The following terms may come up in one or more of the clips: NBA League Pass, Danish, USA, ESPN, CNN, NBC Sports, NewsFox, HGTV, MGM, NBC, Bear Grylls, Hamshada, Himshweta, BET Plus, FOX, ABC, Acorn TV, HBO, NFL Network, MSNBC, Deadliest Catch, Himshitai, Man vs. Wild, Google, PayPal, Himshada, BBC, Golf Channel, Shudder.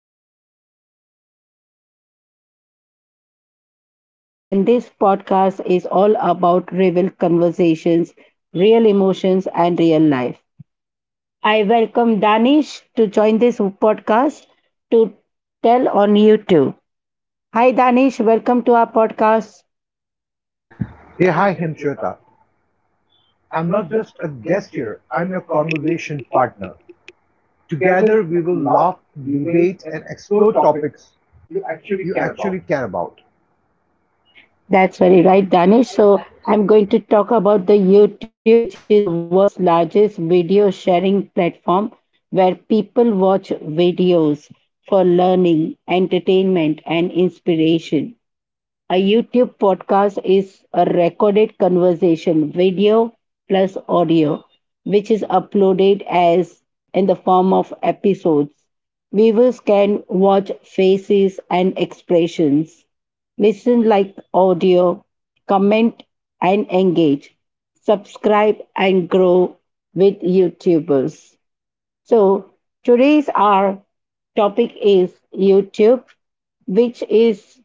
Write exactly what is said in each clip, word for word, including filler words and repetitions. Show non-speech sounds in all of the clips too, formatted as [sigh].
to our podcast, YouTube. I'm Himshweta, and this podcast is all about real conversations, real emotions, and real life. I welcome Danish to join this podcast to tell on YouTube. Hi, Danish. Welcome to our podcast. Hey, hi Hemshweta. I'm not just a guest here, I'm your conversation partner. Together we will laugh, debate, and explore topics you actually care about. That's very right, Danish. So I'm going to talk about the YouTube, which is the world's largest video sharing platform where people watch videos for learning, entertainment, and inspiration. A YouTube podcast is a recorded conversation, video plus audio, which is uploaded as in the form of episodes. Viewers can watch faces and expressions, listen like audio, comment and engage, subscribe and grow with YouTubers. So today's our topic is YouTube, which is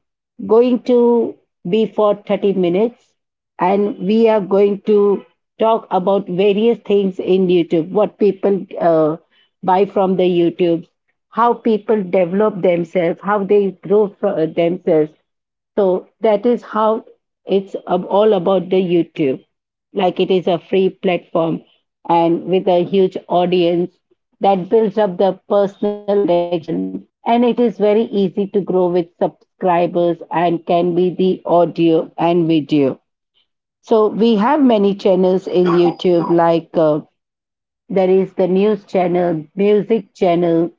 going to be for thirty minutes. And we are going to talk about various things in YouTube, what people uh, buy from the YouTube, how people develop themselves, how they grow for themselves, so that is how it's ab- all about the YouTube. Like it is a free platform and with a huge audience that builds up the personal connection. And it is very easy to grow with subscribers and can be the audio and video. So we have many channels in YouTube like uh, there is the news channel, music channel,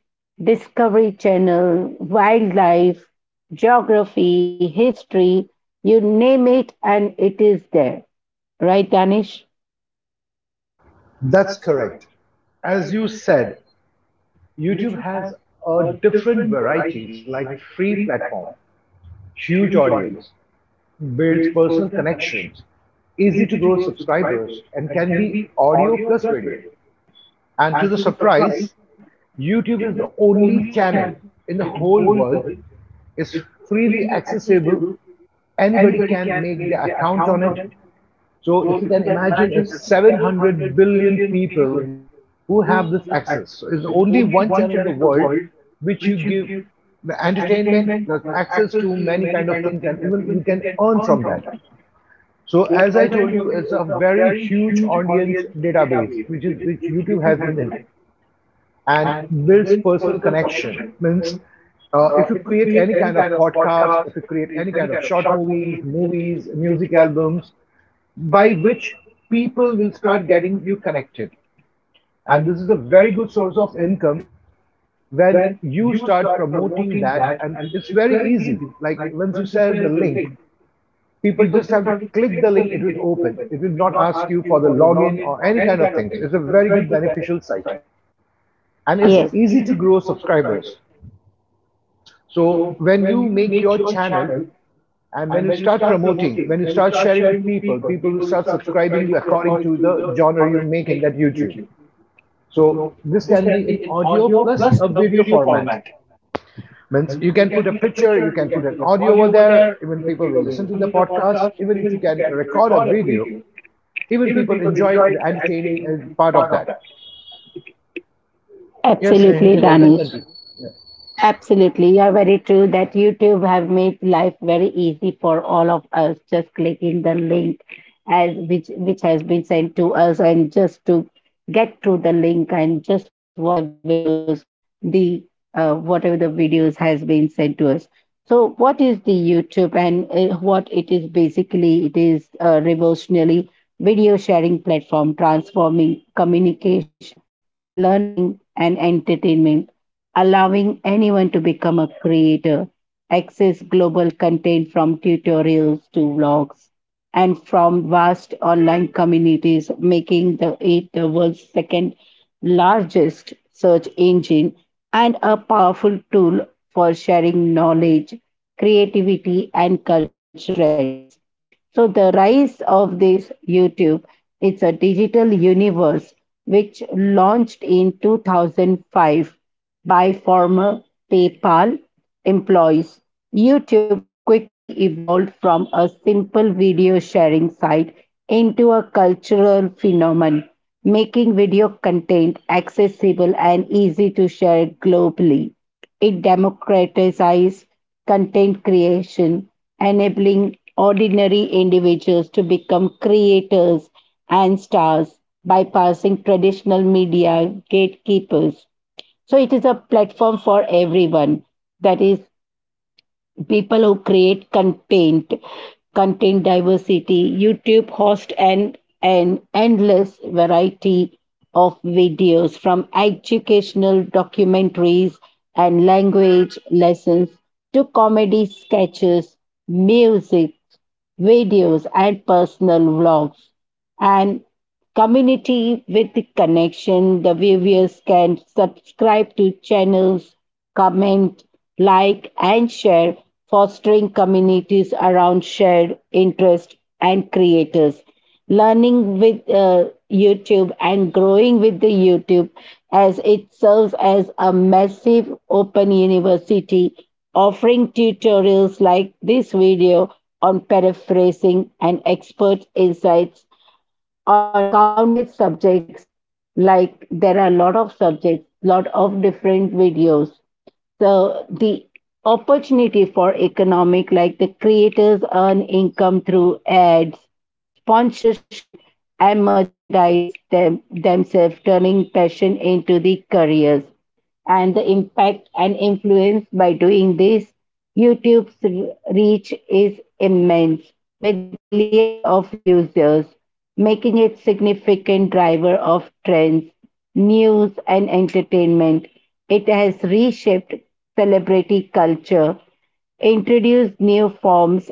discovery channel, wildlife, geography, history, you name it, and it is there. Right, Danish? That's correct. As you said, YouTube has a different varieties like free platform, huge audience, builds personal connections, easy to grow subscribers, and can be audio plus video. And to the surprise, YouTube is the only channel in the whole world is freely accessible. Anybody can make their account on it. So if you can imagine, if seven hundred billion people who have this access, so it's only one channel in the world which you give the entertainment, plus access to many kind of things, and even you can earn from that. So as I told you, it's a very huge audience database which is which YouTube has in it and builds personal connection. Means uh, if you create any kind of podcast, if you create any kind of short movies, movies, music albums, by which people will start getting you connected. And this is a very good source of income when you start promoting that. And it's very easy. Like once you share the link, people just have to click the link, it will open. It will not ask you for the login or any kind of things. It's a very good beneficial site and it's Yes, easy to grow subscribers. So when you make your channel and when you start promoting, when you start sharing with people, people will start subscribing you according to the genre you make in that YouTube. So this can be in audio plus a video format. Means you can put a picture, you can put an audio over there, even people will listen to the podcast, even if you can record a video, even people enjoy the entertaining uh, part of that. Yes, absolutely, Himshada, I can Danish. continue. Yeah. Absolutely, you are very true that YouTube have made life very easy for all of us just clicking the link as which which has been sent to us and just to get through the link and just watch the videos the uh, whatever the videos has been sent to us. So what is the YouTube and uh, what it is basically it is a revolutionary video sharing platform transforming communication learning, and entertainment, allowing anyone to become a creator, access global content from tutorials to vlogs, and from vast online communities, making the it the world's second largest search engine and a powerful tool for sharing knowledge, creativity, and cultural trends. So the rise of this YouTube, it's a digital universe which launched in two thousand five by former PayPal employees. YouTube quickly evolved from a simple video sharing site into a cultural phenomenon, making video content accessible and easy to share globally. It democratized content creation, enabling ordinary individuals to become creators and stars, bypassing traditional media gatekeepers. So it is a platform for everyone. That is, people who create content, content diversity. YouTube hosts an, an endless variety of videos from educational documentaries and language lessons to comedy sketches, music, videos, and personal vlogs and community with the connection. The viewers can subscribe to channels, comment, like, and share, fostering communities around shared interest and creators. Learning with uh, YouTube and growing with the YouTube as it serves as a massive open university offering tutorials like this video on paraphrasing and expert insights on countless subjects like there are a lot of subjects lot of different videos so the opportunity for economic like the creators earn income through ads sponsorship, and merchandise them, themselves, turning passion into the careers. And the impact and influence by doing this, YouTube's re- reach is immense, with billions of users, making it significant driver of trends, news, and entertainment. It has reshaped celebrity culture introduce new forms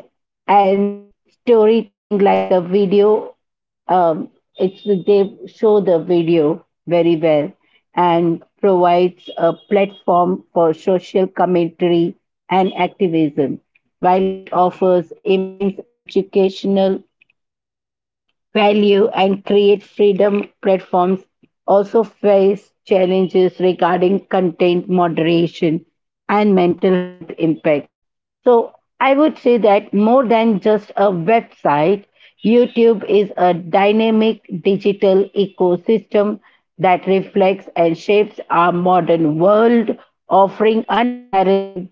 and storytelling like the video um, it's they show the video very well and provides a platform for social commentary and activism while it offers immense educational value and create freedom platforms also face challenges regarding content moderation and mental health impacts. So I would say that more than just a website, YouTube is a dynamic digital ecosystem that reflects and shapes our modern world, offering unparalleled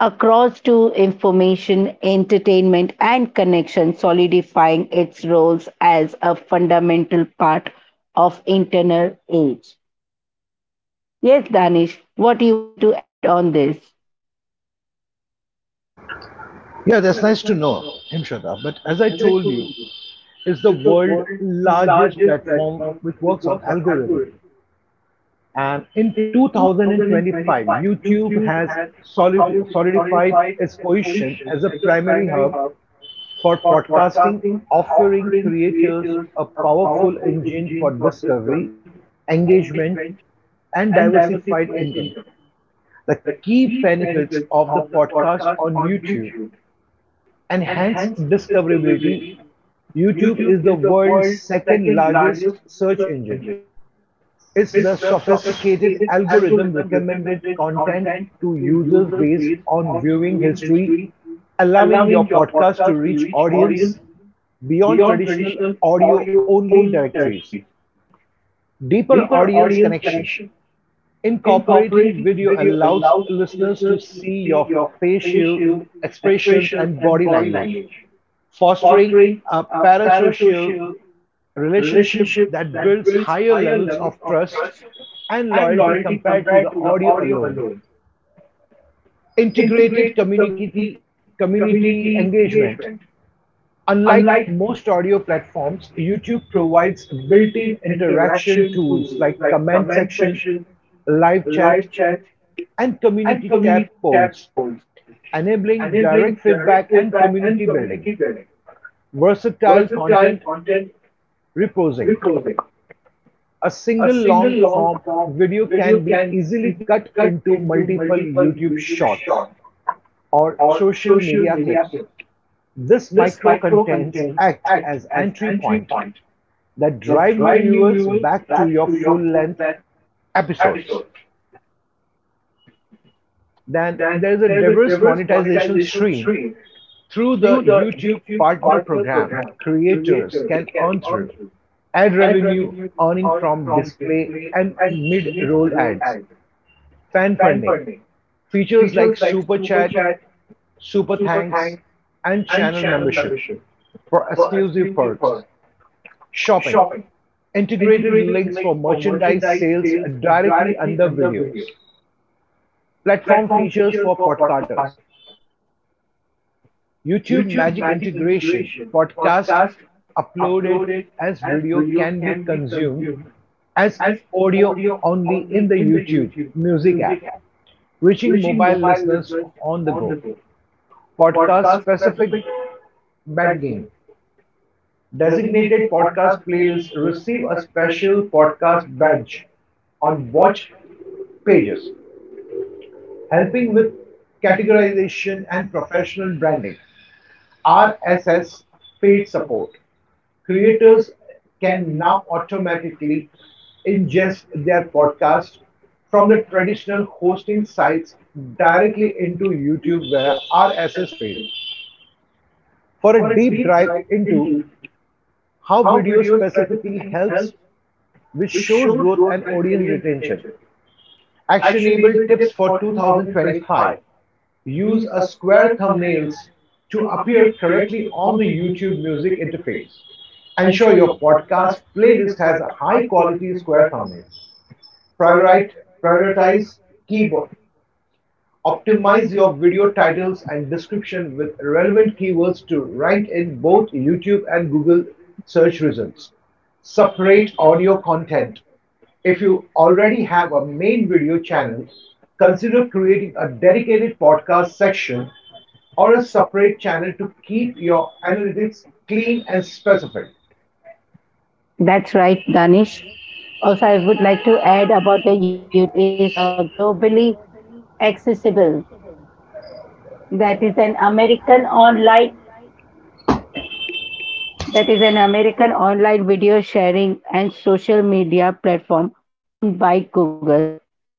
across to information, entertainment, and connection, solidifying its roles as a fundamental part of internal age. Yes, Danish, what do you want to add on this? Yeah, that's nice to know, Himshada. But as I told you, is the world's largest platform which works on algorithm. And in two thousand twenty-five, YouTube has solidified its position as a primary hub for podcasting, offering creators a powerful engine for discovery, engagement, and diversified income. The key benefits of the podcast on YouTube and hence discoverability, YouTube is the world's second largest search engine. It's the sophisticated algorithm recommended content to users based on viewing history, allowing your podcast to reach audience beyond traditional audio only directories. Deeper audience connection. Incorporating video allows listeners to see your facial expressions and body language fostering a parasocial relationship that builds higher levels of trust and loyalty compared to the audio alone. Integrated community, community engagement. Unlike most audio platforms, YouTube provides built in interaction tools like comment section, live chat, and community tab polls, enabling direct feedback and community building. Versatile content reposing. A single long form video can be easily cut into multiple YouTube shorts or social media clips. This micro contents act as entry point that drive new viewers back to your full length episodes. Then there's a diverse monetization stream through the YouTube partner program creators can earn through ad revenue earning from display and mid-roll ads. Fan funding features like Super Chat, Super Thanks, and channel membership for exclusive perks. Shopping integrated links for merchandise sales directly under videos. Platform features for podcasters. YouTube Magic integration podcast uploaded as video can be consumed as audio only in the YouTube Music app, reaching mobile listeners on the go. Podcast-specific badging. Designated podcast playlists receive a special podcast badge on watch pages, helping with categorization and professional branding. R S S feed support. Creators can now automatically ingest their podcast from the traditional hosting sites directly into YouTube via R S S feed. For a deep dive into how video specifically helps with shows growth and audience retention. Actionable tips for two thousand twenty-five. Use a square thumbnails to appear correctly on the YouTube music interface. Ensure your podcast playlist has a high quality square thumbnail. Prioritize, prioritize keyboard. Optimize your video titles and description with relevant keywords to rank in both YouTube and Google search results. Separate audio content. If you already have a main video channel, consider creating a dedicated podcast section or a separate channel to keep your analytics clean and specific. That's right, Danish. Also, I would like to add about the YouTube is uh, globally Accessible. accessible. That That is is an an American American online online. that That is is an an American American. online video sharing and social media platform owned by Google.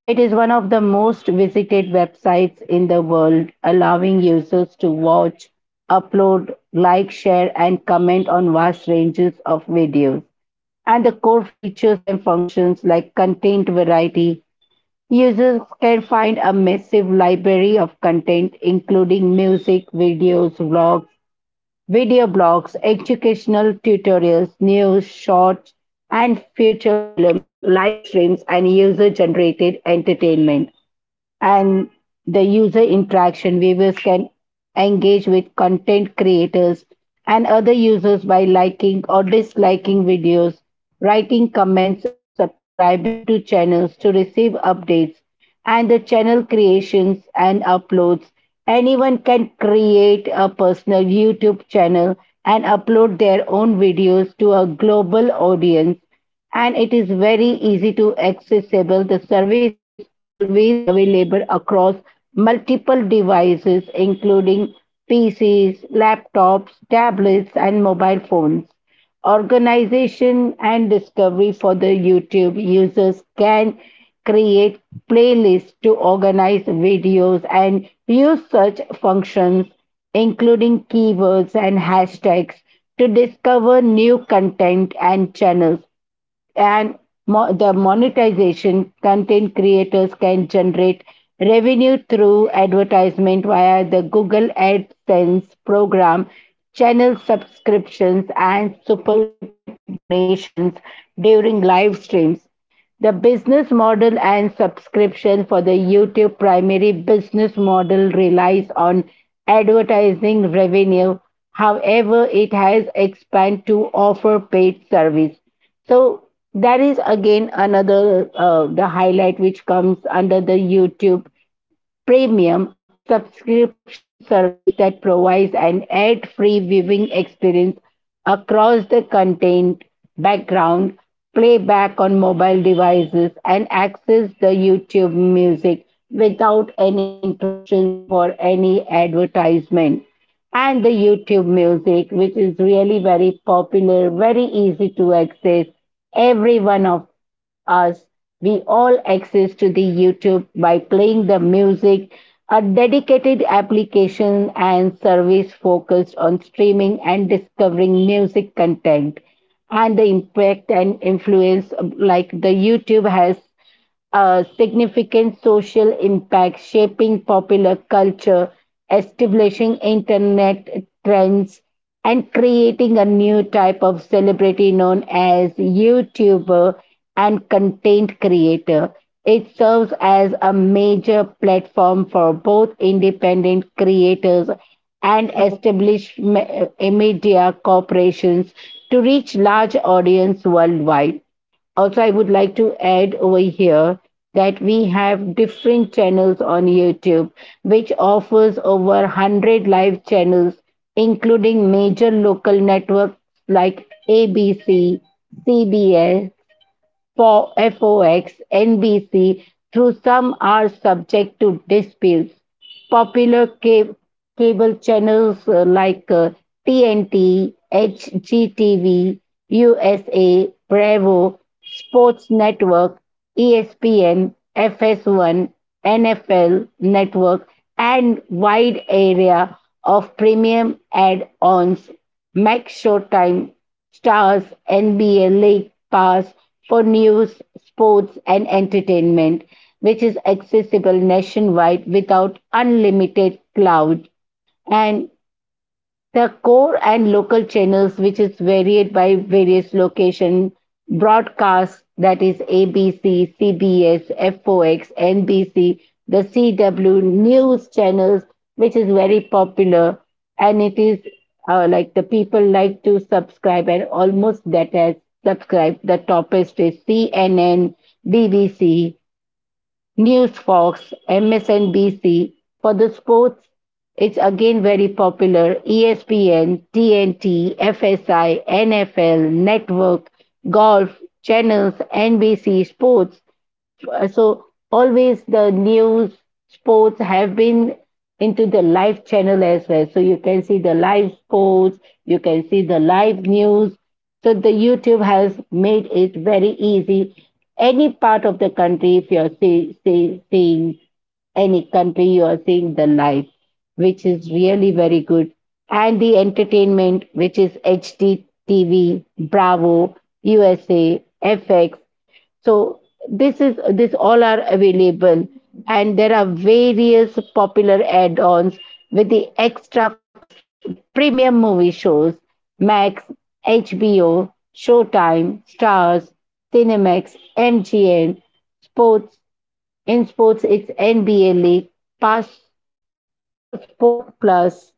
It is one of the most visited websites in the world, allowing users to watch, upload, like, share, and comment on vast ranges of videos. And the core features and functions like content variety, users can find a massive library of content, including music, videos, vlogs Video blogs, educational tutorials, news, shorts, and feature films, live streams, and user generated entertainment and the user interaction. Viewers can engage with content creators and other users by liking or disliking videos, writing comments, and subscribing to channels to receive updates and the channel creations and uploads. Anyone can create a personal YouTube channel and upload their own videos to a global audience and it is very easy to accessible. The service is always available across multiple devices including P Cs, laptops, tablets and mobile phones. Organization and discovery for the YouTube users can create playlists to organize videos and use search functions including keywords and hashtags to discover new content and channels and mo- the monetization content creators can generate revenue through advertisement via the Google AdSense program, channel subscriptions, and super chat donations during live streams. The business model and subscription for the YouTube primary business model relies on advertising revenue. However, it has expanded to offer paid service. So that is again another uh, the highlight which comes under the YouTube Premium, a subscription service that provides an ad-free viewing experience across the content, background, playback on mobile devices, and access the YouTube music without any interruptions for any advertisement. And the YouTube music, which is really very popular, very easy to access. Every one of us, we all access to the YouTube by playing the music, a dedicated application and service focused on streaming and discovering music content and the impact and influence um, like the YouTube has a significant social impact, shaping popular culture, establishing internet trends, and creating a new type of celebrity known as YouTuber and content creator. It serves as a major platform for both independent creators and established me- media corporations to reach large audience worldwide. Also, I would like to add over here that we have different channels on YouTube, which offers over one hundred live channels, including major local networks like A B C, C B S, for FOX, NBC, though some are subject to disputes. Popular ca- cable channels uh, like uh, T N T, H G T V, U S A, Bravo, Sports Network, E S P N, F S one, N F L Network, and wide area of premium add-ons make Showtime Stars N B A League Pass for news, sports, and entertainment, which is accessible nationwide without unlimited cloud. And the core and local channels which is varied by various location broadcast that is A B C, C B S, FOX, NBC, the C W news channels which is very popular and it is uh, like the people like to subscribe and almost that has subscribed the toppest is C N N, B B C, NewsFox, M S N B C. For the sports, it's again very popular. ESPN, TNT, F S I, N F L, Network, Golf, Channels, N B C Sports, uh, so always the news sports have been into the live channel as well so you can see the live sports you can see the live news so the YouTube has made it very easy any part of the country if you're see, see, seeing any country you are seeing the live which is really very good and the entertainment which is H D T V Bravo U S A F X so this is this all are available and there are various popular add-ons with the extra cost like premium movie shows, Max, H B O, Showtime, Stars, Cinemax, M G M, Sports. In sports, it's N B A League, Pass, so Sport Plus,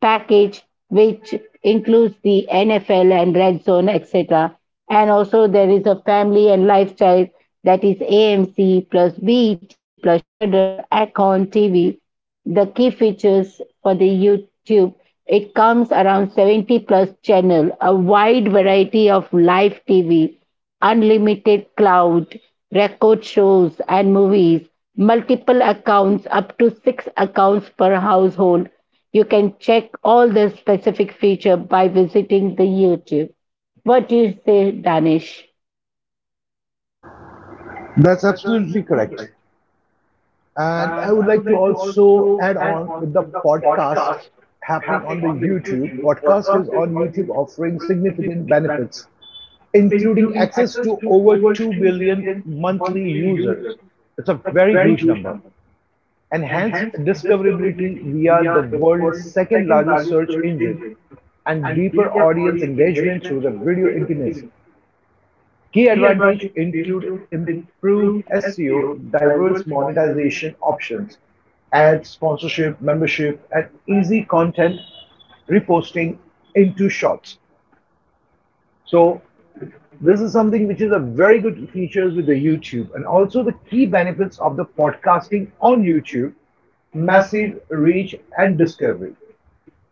package which includes the N F L and Red Zone, et cetera. And also there is a family and lifestyle that is A M C plus B E T plus Shudder, Acorn T V. The key features for the YouTube it comes around seventy plus channel, a wide variety of live T V, unlimited cloud, record shows and movies, multiple accounts up to six accounts per household you can check all the specific feature by visiting the YouTube. What do you say, Danish? That's absolutely correct. And I would like to also add on with the podcast happening on the YouTube. Podcast is on YouTube offering significant benefits, including access to over two billion monthly users. It's a very huge number. And hence discoverability via the world's second largest search engine and deeper audience engagement through the video intimacy. Key advantages include improved S E O, diverse monetization options, ads, sponsorship, membership, and easy content reposting into shorts. So this is something which is a very good features with the YouTube and also the key benefits of the podcasting on YouTube, massive reach and discovery.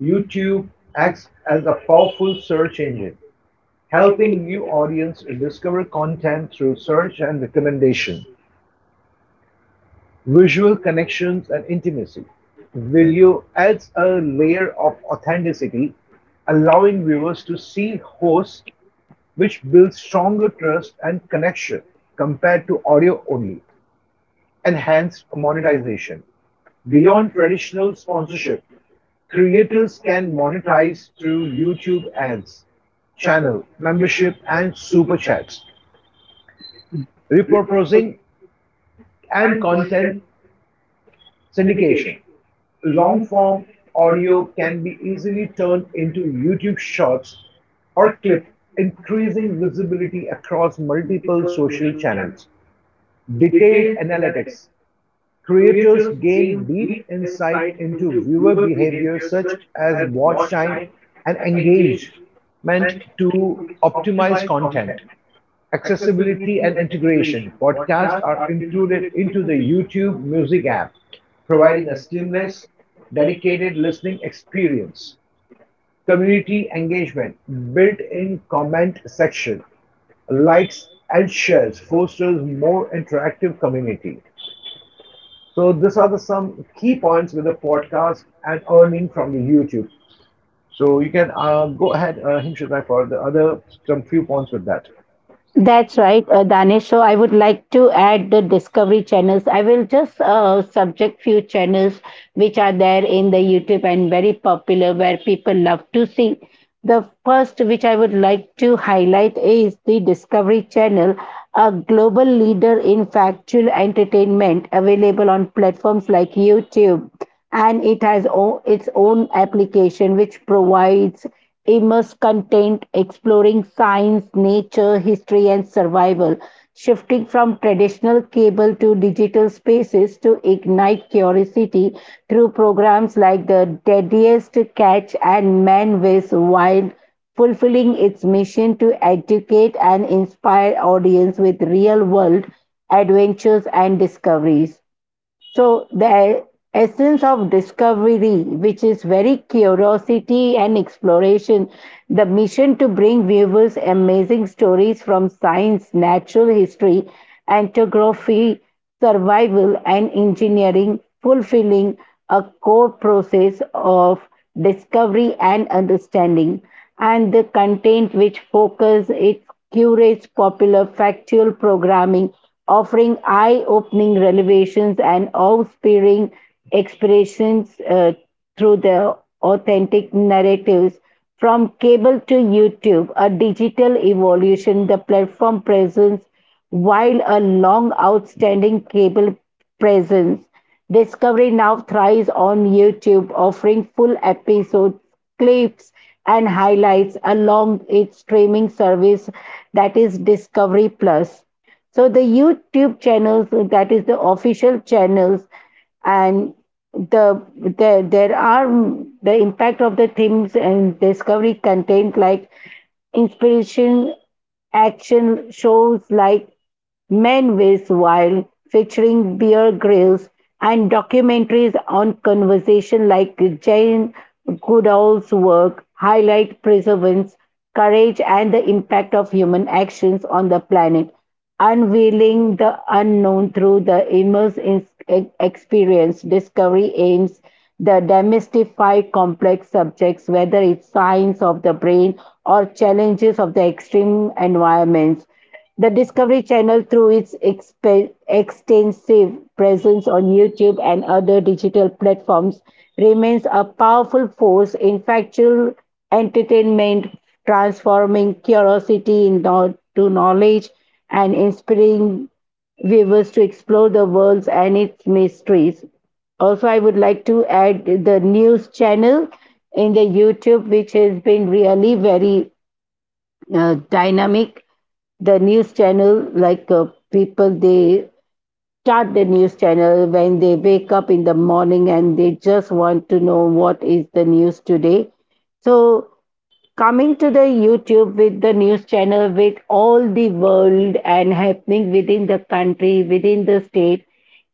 YouTube acts as a powerful search engine helping new audience discover content through search and recommendation, visual connections and intimacy. Video adds a layer of authenticity, allowing viewers to see hosts, which builds stronger trust and connection compared to audio only. Enhanced monetization. Beyond traditional sponsorship, creators can monetize through YouTube ads, channel membership, and super chats, repurposing, and content syndication. Long form audio can be easily turned into YouTube shorts or clips, increasing visibility across multiple social channels detailed analytics. Creators gain deep insight into viewer behavior such as watch time and engagement to optimize content. Accessibility and integration. Podcasts are included into the YouTube Music app, providing a seamless, dedicated listening experience. Community engagement, built-in comment section, likes and shares fosters more interactive community. So these are the some key points with the podcast and earning from the YouTube. So you can uh, go ahead, uh, Himshitai, for the other some few points with that. That's right, uh, Danish. So I would like to add the Discovery channels. I will just uh, subject few channels which are there in the YouTube and very popular where people love to see. The first which I would like to highlight is the Discovery channel, a global leader in factual entertainment available on platforms like YouTube. And it has o- its own application which provides immense content exploring science, nature, history, and survival, shifting from traditional cable to digital spaces to ignite curiosity through programs like the Deadliest Catch and Man versus. Wild. Fulfilling its mission to educate and inspire audience with real world adventures and discoveries. So the essence of discovery, which is very curiosity and exploration, the mission to bring viewers amazing stories from science, natural history, anthropography, survival, and engineering, fulfilling a core process of discovery and understanding. And the content which focus it curates popular factual programming offering eye-opening revelations and awe-inspiring experiences uh, through the authentic narratives. From cable to YouTube, a digital evolution, the platform presence, while a long outstanding cable presence, Discovery now thrives on YouTube, offering full episodes, clips, and highlights along its streaming service that is Discovery Plus. So the YouTube channels, that is the official channels, and the there there are the impact of the themes and discovery content like inspiration action shows like Men Ways Wild, featuring Bear Grylls, and documentaries on conservation like Jane Goodall's work highlight perseverance, courage, and the impact of human actions on the planet. Unveiling the unknown through the immersive ex- experience, Discovery aims to demystify complex subjects, whether it's science of the brain or challenges of the extreme environments. The Discovery Channel, through its exp- extensive presence on YouTube and other digital platforms, remains a powerful force in factual entertainment, transforming curiosity into knowledge and inspiring viewers to explore the world and its mysteries. Also, I would like to add the news channel in the YouTube, which has been really very uh, dynamic. The news channel, like uh, people, they start the news channel when they wake up in the morning and they just want to know what is the news today. So coming to the YouTube with the news channel with all the world and happening within the country, within the state,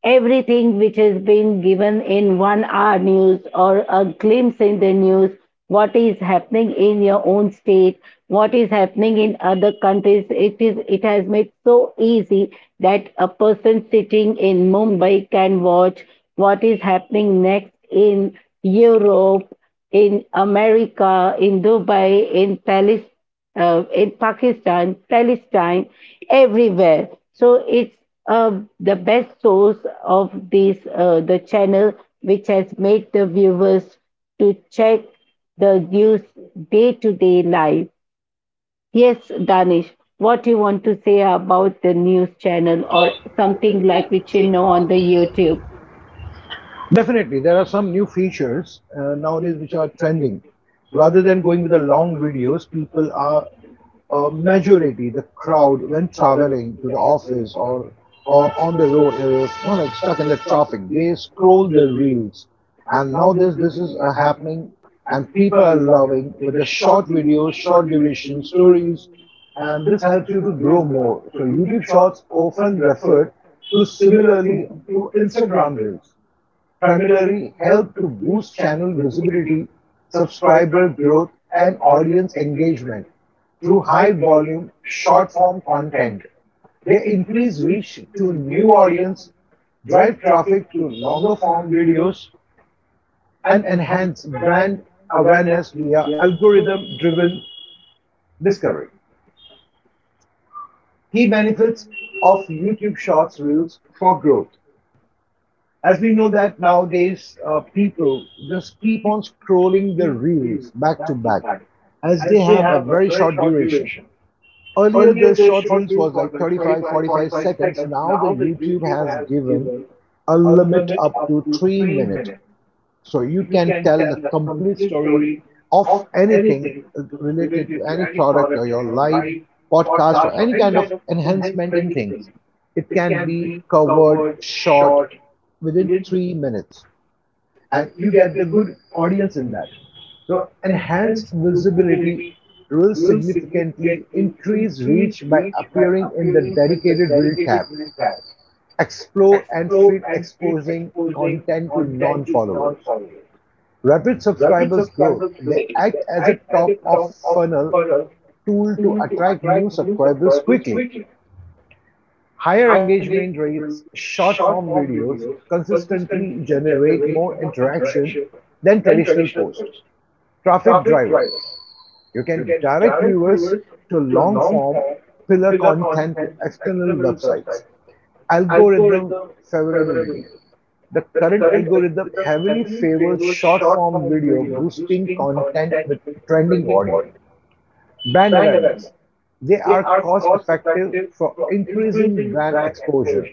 everything which has been given in one hour news or a glimpse in the news, what is happening in your own state, what is happening in other countries, it is it has made so easy that a person sitting in Mumbai can watch what is happening next in Europe, in America, in Dubai, in Palestine uh, in Pakistan, Palestine, everywhere. So it's uh, the best source of this uh, the channel which has made the viewers to check the news day to day life. Yes, Danish, what you want to say about the news channel Or or something something like like the which you channel know on on the the YouTube? YouTube. Definitely, there are some new features uh, nowadays which are trending. Rather than going with the long videos, people are uh, majority the crowd when traveling to the office or or on the road, uh, not like stuck in the traffic. They scroll the reels, and nowadays this is uh, happening, and people are loving with the short videos, short duration stories, and this helps you to grow more. So YouTube Shorts often referred to similarly to Instagram reels primarily help to boost channel visibility, subscriber growth, and audience engagement through high volume short form content. They increase reach to new audience, drive traffic to longer form videos, and enhance brand awareness via algorithm driven discovery. Key benefits of YouTube Shorts Reels for growth. As we know that nowadays uh, people just keep on scrolling their reels back to back as they have a very short duration. Earlier the short reels was like thirty-five, forty-five seconds. Now the youtube has given a limit up to three minutes, so you can tell the complete story of anything related to any product or your life, podcast, or any kind of enhancementing things. It can be covered short within three minutes, and you get the good audience in that. So enhanced visibility will significantly increase reach by appearing in the dedicated reel tab. Explore and feed exposing content to non-followers. Rapid subscribers growth, they act as a top-of-funnel tool to attract new subscribers quickly. Higher engagement rates, short-form videos consistently generate more interaction than traditional posts. Traffic driver. You can direct viewers to long form pillar content to external websites. Algorithm favorability. The current algorithm heavily favors short form video boosting content with trending audio. Brand awareness. They are cost effective for increasing brand exposure.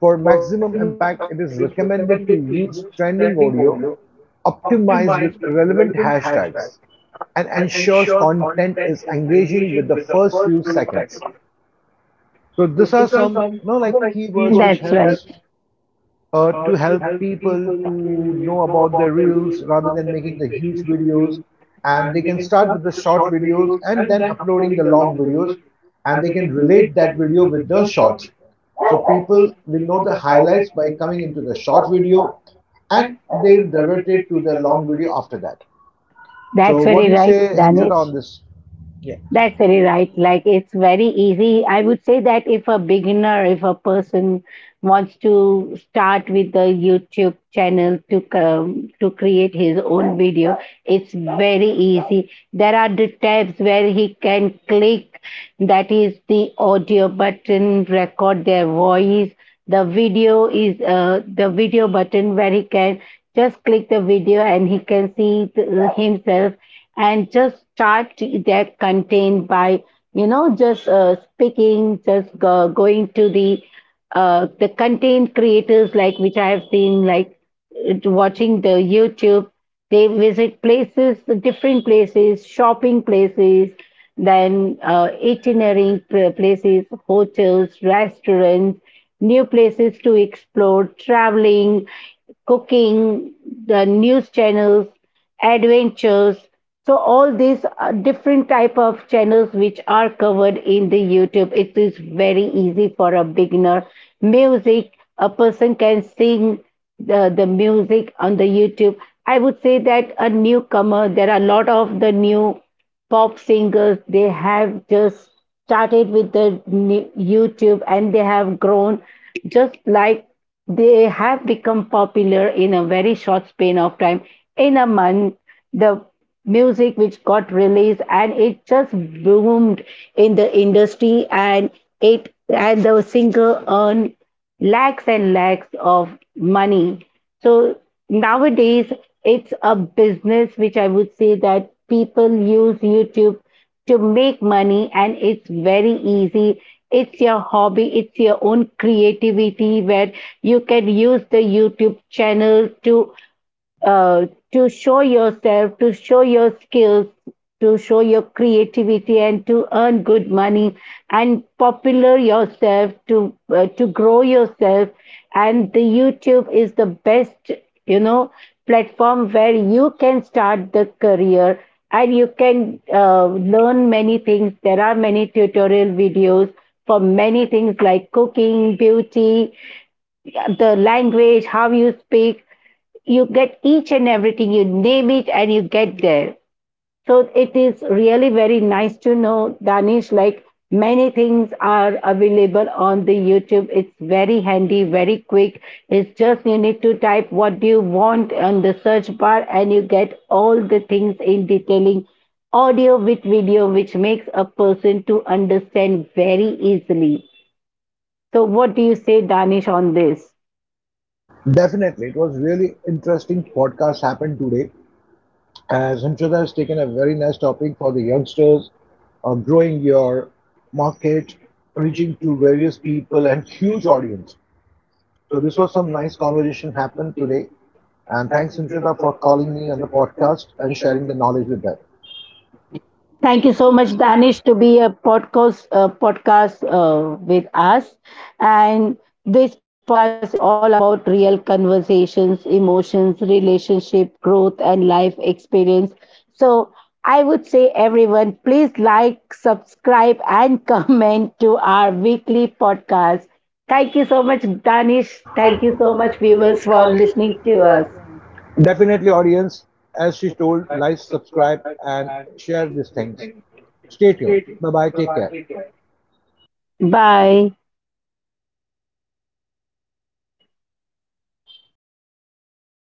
For maximum impact, it is recommended to use trending audio, optimize with relevant hashtags, and ensures content is engaging with the first few seconds. So these are some you know like keywords That's which right. helps uh, to help people to know about their reels rather than making the huge videos. And they can start with the short videos and then uploading the long videos, and they can relate that video with the shorts. So people will know the highlights by coming into the short video and they'll divert it to the long video after that. So, That's what very do you right, say, Himshita, Danish. on this? Yeah. That's very right. Like it's very easy. I would say that if a beginner, if a person wants to start with the YouTube channel to um, to create his own video, it's very easy. There are the tabs where he can click. That is the audio button, record their voice. The video is uh, the video button where he can just click the video and he can see it, uh, himself and just start their content by you know just uh, speaking, just go, going to the uh, the content creators like which I have seen like it- watching the YouTube, they visit places, different places, shopping places, then uh, itinerary pl- places, hotels, restaurants, new places to explore, traveling, cooking, the news channels, adventures. So all these uh, different type of channels which are covered in the YouTube, it is very easy for a beginner. Music, a person can sing the, the music on the YouTube. I would say that a newcomer, there are a lot of the new pop singers, they have just started with the ni- YouTube and they have grown just like they have become popular in a very short span of time. In a month, the music which got released and it just boomed in the industry, and it and the singer earned lakhs and lakhs of money. So nowadays it's a business which I would say that people use YouTube to make money and it's very easy. It's your hobby, it's your own creativity where you can use the YouTube channel to uh, to show yourself, to show your skills, to show your creativity, and to earn good money and popular yourself to uh, to grow yourself. And the YouTube is the best, you know, platform where you can start the career and you can uh, learn many things. There are many tutorial videos for many things like cooking, beauty, the language, how you speak. You get each and everything, you name it and you get there. So it is really very nice to know, Danish, like many things are available on the YouTube, it's very handy, very quick. It's just you need to type what do you want on the search bar and you get all the things in detailing, audio with video, which makes a person to understand very easily. So what do you say, Danish, on this? Definitely, it was really interesting podcast happened today, as Hamshada has taken a very nice topic for the youngsters, uh, growing your market, reaching to various people and huge audience. So this was some nice conversation happened today. And thanks, Hamshada, for calling me on the podcast and sharing the knowledge with that. Thank Thank you you so so much, much, Danish. Danish, to be a podcast uh, podcast uh, with us. And this podcast is all about real conversations, emotions, relationship, growth, and life experience. So I would say, everyone, please like, subscribe, and [laughs] comment to our weekly podcast. Thank you so much, Danish, Danish. Thank thank you you so so much, much, viewers, viewers, for for listening listening to to us. us. Definitely, audience, as she told, like, subscribe, and share these things. Stay tuned. Bye bye. Take care. Bye.